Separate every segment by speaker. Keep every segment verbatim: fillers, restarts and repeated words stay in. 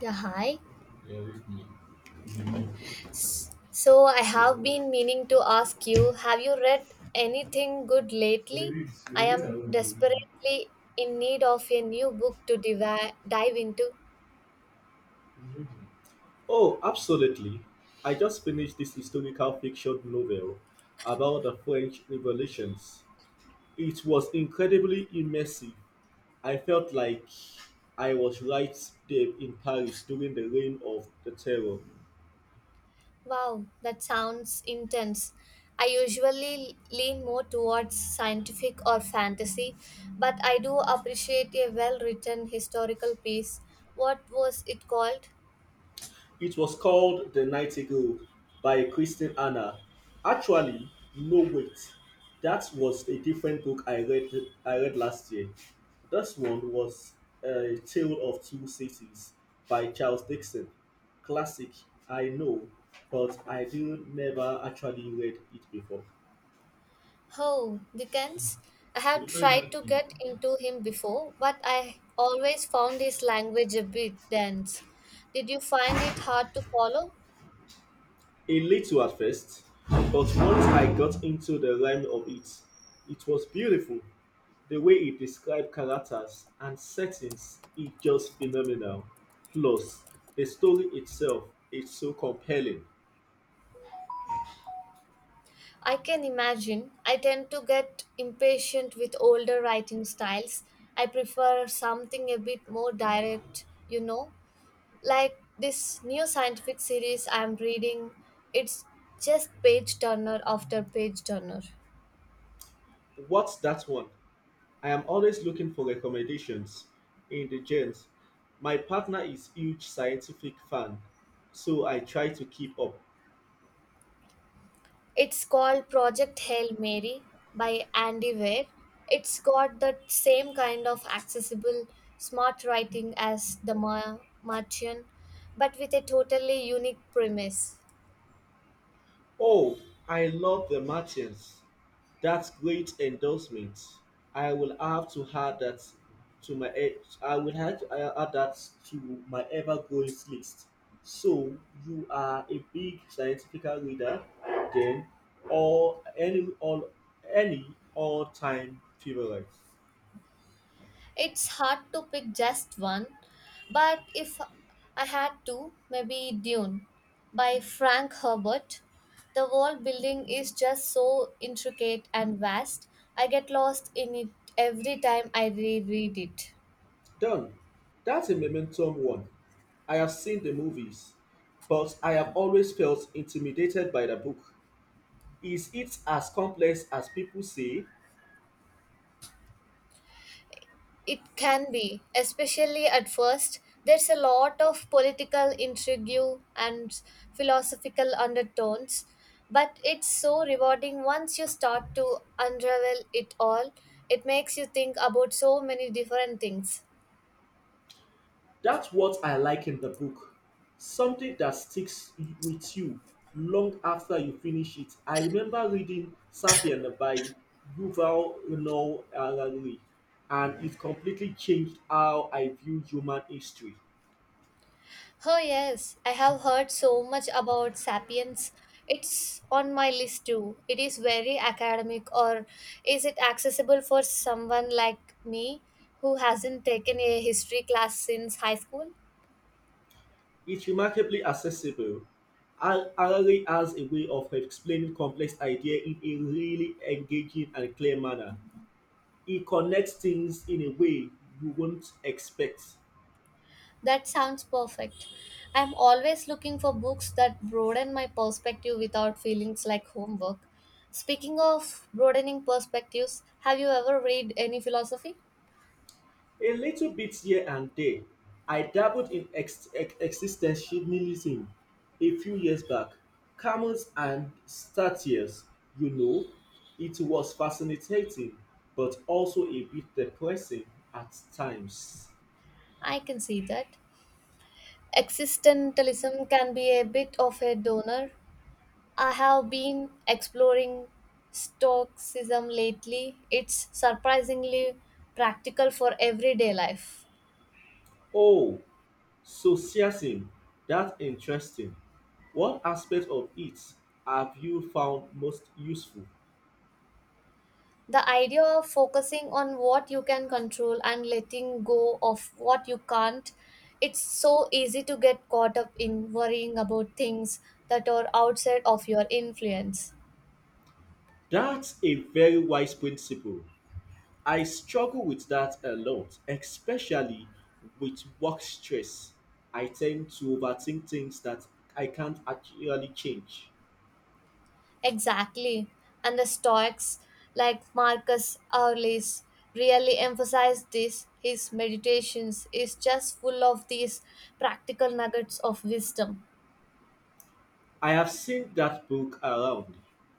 Speaker 1: Yeah, hi. So I have been meaning to ask you, have you read anything good lately? I am desperately in need of a new book to divi- dive into.
Speaker 2: Oh, absolutely. I just finished this historical fiction novel about the French revolutions. It was incredibly immersive. I felt like I was right there in Paris during the reign of the terror.
Speaker 1: Wow, that sounds intense. I usually lean more towards scientific or fantasy, but I do appreciate a well written historical piece. What was it called?
Speaker 2: It was called The Nightingale by Kristen Hannah. Actually, no wait. That was a different book I read I read last year. This one was A Tale of Two Cities by Charles Dixon. Classic, I know, but I did never actually read it before.
Speaker 1: Oh, Dickens. I have tried to get into him before, but I always found his language a bit dense. Did you find it hard to follow?
Speaker 2: A little at first, but once I got into the rhyme of it, it was beautiful. The way he described characters and settings is just phenomenal. Plus, the story itself is so compelling.
Speaker 1: I can imagine. I tend to get impatient with older writing styles. I prefer something a bit more direct, you know, like this new scientific series I'm reading. It's just page turner after page turner.
Speaker 2: What's that one? I am always looking for recommendations in the gens. My partner is huge scientific fan, so I try to keep up.
Speaker 1: It's called Project Hail Mary by Andy Weir. It's got the same kind of accessible, smart writing as The Ma- Martian, but with a totally unique premise.
Speaker 2: Oh, I love the Martians. That's great endorsement. I will have to add that to my e- I will have to I- add that to my ever-growing list. So you are a big scientific reader, then, or any all any all-time favorite.
Speaker 1: It's hard to pick just one, but if I had to, maybe Dune by Frank Herbert. The world building is just so intricate and vast, I get lost in it every time I reread it.
Speaker 2: Done. That's a momentum one. I have seen the movies, but I have always felt intimidated by the book. Is it as complex as people say?
Speaker 1: It can be, especially at first. There's a lot of political intrigue and philosophical undertones, but it's so rewarding once you start to unravel it all. It makes you think about so many different things.
Speaker 2: That's what I like in the book. Something that sticks with you long after you finish it. I remember reading Sapien by Yuval Noah Harari, and it completely changed how I view human history.
Speaker 1: Oh, yes, I have heard so much about Sapiens. It's on my list too. It is very academic, or is it accessible for someone like me who hasn't taken a history class since high school?
Speaker 2: It's remarkably accessible. Har- Harari has a way of explaining complex ideas in a really engaging and clear manner. He connects things in a way you won't expect.
Speaker 1: That sounds perfect. I'm always looking for books that broaden my perspective without feelings like homework. Speaking of broadening perspectives, have you ever read any philosophy?
Speaker 2: A little bit here and there. I dabbled in ex- ex- existentialism a few years back. Camus and Statius, you know, it was fascinating, but also a bit depressing at times.
Speaker 1: I can see that. Existentialism can be a bit of a donor. I have been exploring Stoicism lately. It's surprisingly practical for everyday life.
Speaker 2: Oh, socialism, that's interesting. What aspect of it have you found most useful?
Speaker 1: The idea of focusing on what you can control and letting go of what you can't, it's so easy to get caught up in worrying about things that are outside of your influence.
Speaker 2: That's a very wise principle. I struggle with that a lot, especially with work stress. I tend to overthink things that I can't actually change.
Speaker 1: Exactly. And the Stoics, like Marcus Aurelius, really emphasized this. His meditations is just full of these practical nuggets of wisdom.
Speaker 2: I have seen that book around.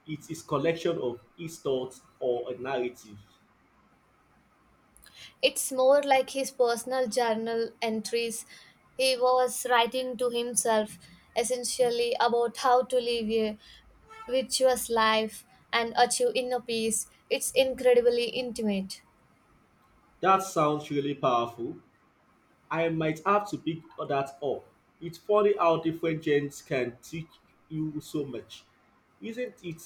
Speaker 2: It is collection of his thoughts or a narrative.
Speaker 1: It's more like his personal journal entries he was writing to himself, essentially about how to live a virtuous life and achieve inner peace. It's incredibly intimate.
Speaker 2: That sounds really powerful. I might have to pick that up. It's funny how different genres can teach you so much. Isn't it?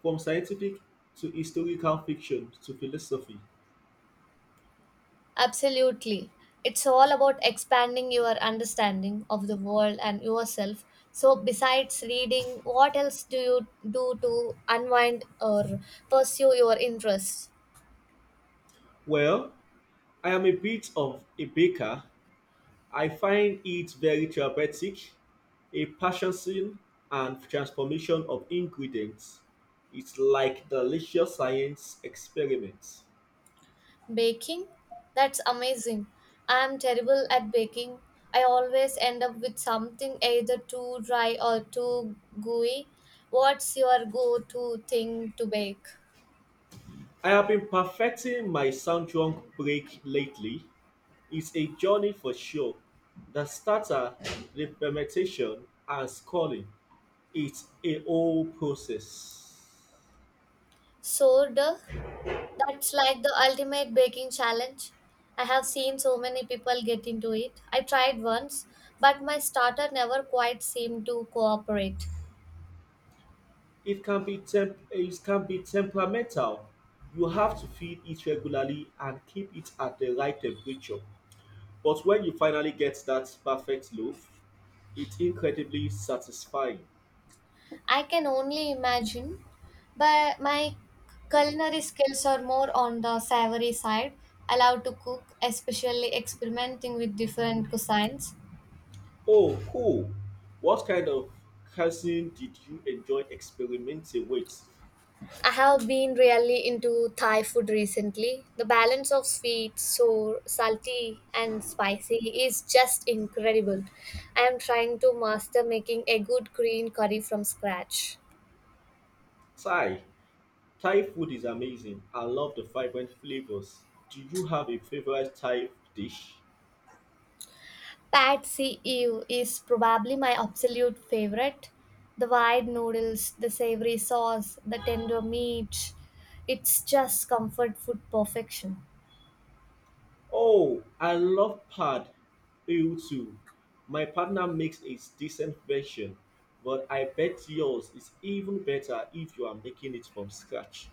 Speaker 2: From scientific to historical fiction to philosophy.
Speaker 1: Absolutely. It's all about expanding your understanding of the world and yourself. So, besides reading, what else do you do to unwind or pursue your interests?
Speaker 2: Well, I am a bit of a baker. I find it very therapeutic, a purchasing and transformation of ingredients. It's like delicious science experiments.
Speaker 1: Baking? That's amazing. I'm terrible at baking. I always end up with something either too dry or too gooey. What's your go to thing to bake?
Speaker 2: I have been perfecting my sound break lately. It's a journey for sure. The starter, the fermentation, and sculling. It's a whole process.
Speaker 1: Sourdough? That's like the ultimate baking challenge. I have seen so many people get into it. I tried once, but my starter never quite seemed to cooperate.
Speaker 2: It can be temp- it can be temperamental. You have to feed it regularly and keep it at the right temperature. But when you finally get that perfect loaf, it's incredibly satisfying.
Speaker 1: I can only imagine, but my culinary skills are more on the savory side. I love to cook, especially experimenting with different cuisines.
Speaker 2: Oh, cool. What kind of cuisine did you enjoy experimenting with?
Speaker 1: I have been really into Thai food recently. The balance of sweet, sour, salty, and spicy is just incredible. I am trying to master making a good green curry from scratch.
Speaker 2: Thai. Thai food is amazing. I love the vibrant flavors. Do you have a favorite Thai dish?
Speaker 1: Patsy Ew is probably my absolute favorite. The wide noodles, the savory sauce, the tender meat. It's just comfort food perfection.
Speaker 2: Oh, I love Pad E U two. My partner makes a decent version, but I bet yours is even better if you are making it from scratch.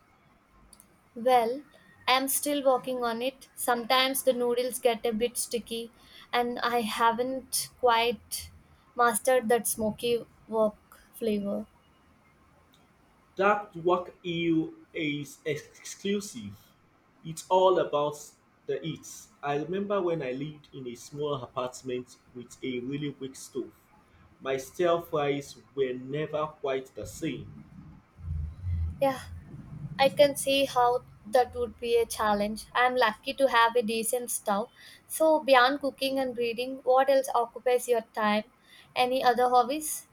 Speaker 1: Well, I'm still working on it. Sometimes the noodles get a bit sticky, and I haven't quite mastered that smoky wok flavor.
Speaker 2: That work E U is exclusive. It's all about the eats. I remember when I lived in a small apartment with a really weak stove. My stir fries were never quite the same.
Speaker 1: Yeah, I can see how that would be a challenge. I'm lucky to have a decent stove. So, beyond cooking and reading, what else occupies your time? Any other hobbies?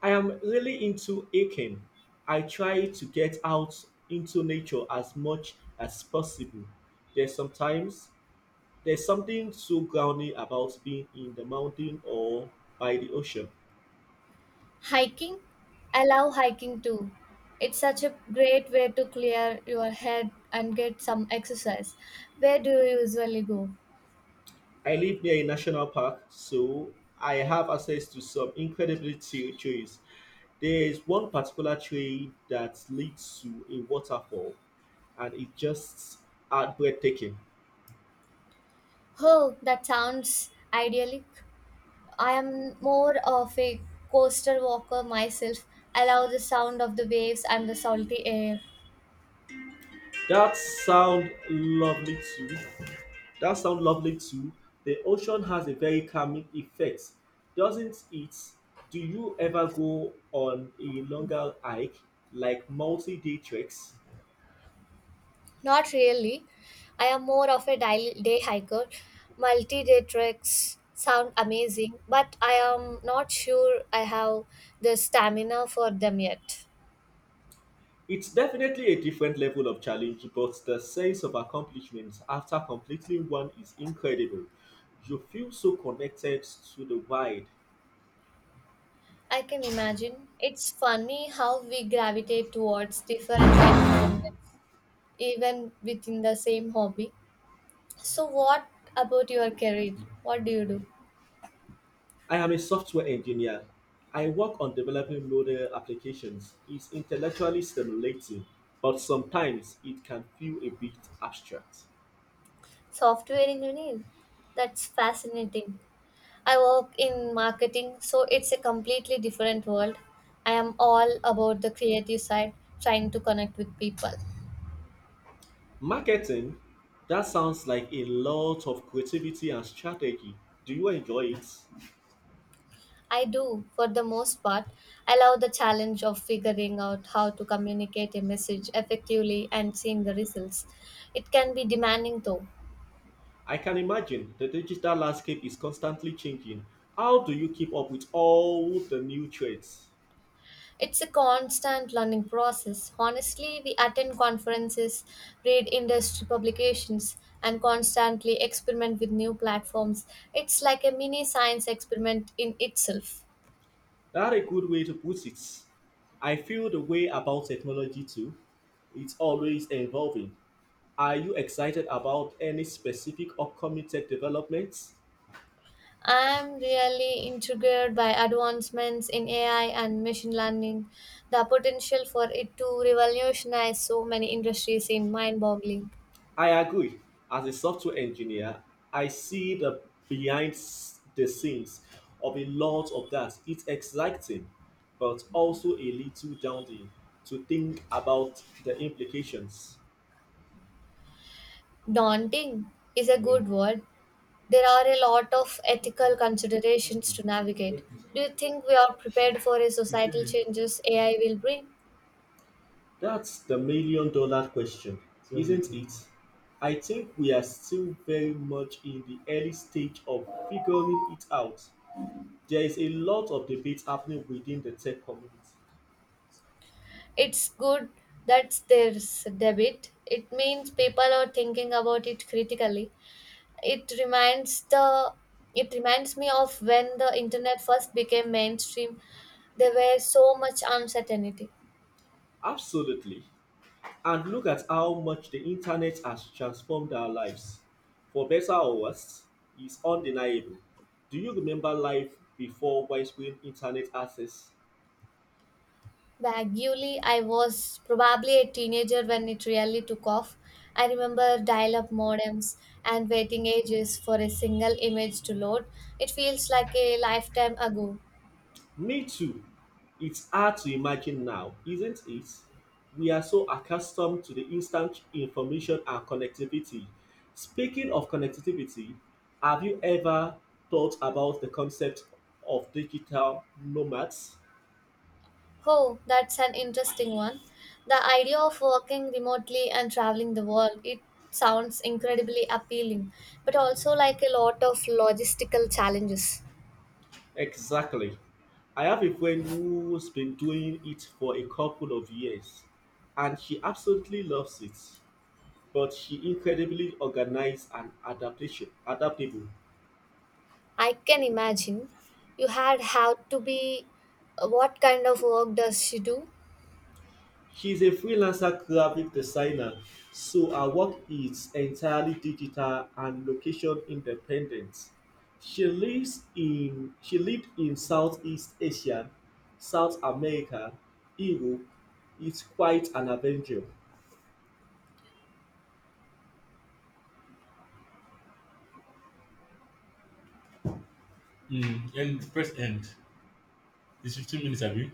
Speaker 2: I am really into hiking. I try to get out into nature as much as possible. There's sometimes there's something so grounding about being in the mountain or by the ocean.
Speaker 1: Hiking? I love hiking too. It's such a great way to clear your head and get some exercise. Where do you usually go?
Speaker 2: I live near a national park, so I have access to some incredibly chill trails. There is one particular trail that leads to a waterfall, and it just are breathtaking.
Speaker 1: Oh, that sounds idyllic. I am more of a coastal walker myself. I love the sound of the waves and the salty air.
Speaker 2: That sound lovely too. That sounds lovely too. The ocean has a very calming effect, doesn't it? Do you ever go on a longer hike, like multi-day treks?
Speaker 1: Not really. I am more of a day, day hiker. Multi day treks sound amazing, but I am not sure I have the stamina for them yet.
Speaker 2: It's definitely a different level of challenge, but the sense of accomplishment after completing one is incredible. You feel so connected to the wild.
Speaker 1: I can imagine. It's funny how we gravitate towards different environments, even within the same hobby. So, what about your career? What do you do?
Speaker 2: I am a software engineer. I work on developing modern applications. It's intellectually stimulating, but sometimes it can feel a bit abstract.
Speaker 1: Software engineer? That's fascinating. I work in marketing, so it's a completely different world. I am all about the creative side, trying to connect with people.
Speaker 2: Marketing, that sounds like a lot of creativity and strategy. Do you enjoy it?
Speaker 1: I do, for the most part, I love the challenge of figuring out how to communicate a message effectively and seeing the results. It can be demanding though.
Speaker 2: I can imagine the digital landscape is constantly changing. How do you keep up with all the new trends?
Speaker 1: It's a constant learning process. Honestly, we attend conferences, read industry publications, and constantly experiment with new platforms. It's like a mini science experiment in itself.
Speaker 2: That's a good way to put it. I feel the way about technology too. It's always evolving. Are you excited about any specific upcoming tech developments?
Speaker 1: I'm really intrigued by advancements in A I and machine learning. The potential for it to revolutionize so many industries is mind boggling.
Speaker 2: I agree. As a software engineer, I see the behind s- the scenes of a lot of that. It's exciting, but also a little daunting to think about the implications.
Speaker 1: Daunting is a good word. There are a lot of ethical
Speaker 2: Okay.
Speaker 1: considerations to navigate. Do you think we are prepared for a societal changes A I will bring?
Speaker 2: That's the million dollar question, isn't it? I think we are still very much in the early stage of figuring it out. There is a lot of debate happening within the tech community.
Speaker 1: It's good that there's debate. It means people are thinking about it critically. It reminds the it reminds me of when the internet first became mainstream. There were so much uncertainty.
Speaker 2: Absolutely. And look at how much the internet has transformed our lives. For better or worse, it's undeniable. Do you remember life before widespread internet access?
Speaker 1: Vaguely, I was probably a teenager when it really took off. I remember dial up modems and waiting ages for a single image to load. It feels like a lifetime ago.
Speaker 2: Me too. It's hard to imagine now, isn't it? We are so accustomed to the instant information and connectivity. Speaking of connectivity, have you ever thought about the concept of digital nomads?
Speaker 1: Oh, that's an interesting one. The idea of working remotely and traveling the world, it sounds incredibly appealing, but also like a lot of logistical challenges.
Speaker 2: Exactly. I have a friend who's been doing it for a couple of years, and she absolutely loves it. But she incredibly organized and adaptation adaptable.
Speaker 1: I can imagine you had had to be what kind of work does she do?
Speaker 2: She's a freelancer graphic designer, so her work is entirely digital and location independent. She lives in she lived in Southeast Asia, South America, Europe. It's quite an adventure. Mm, and press end. It's fifteen minutes, have you?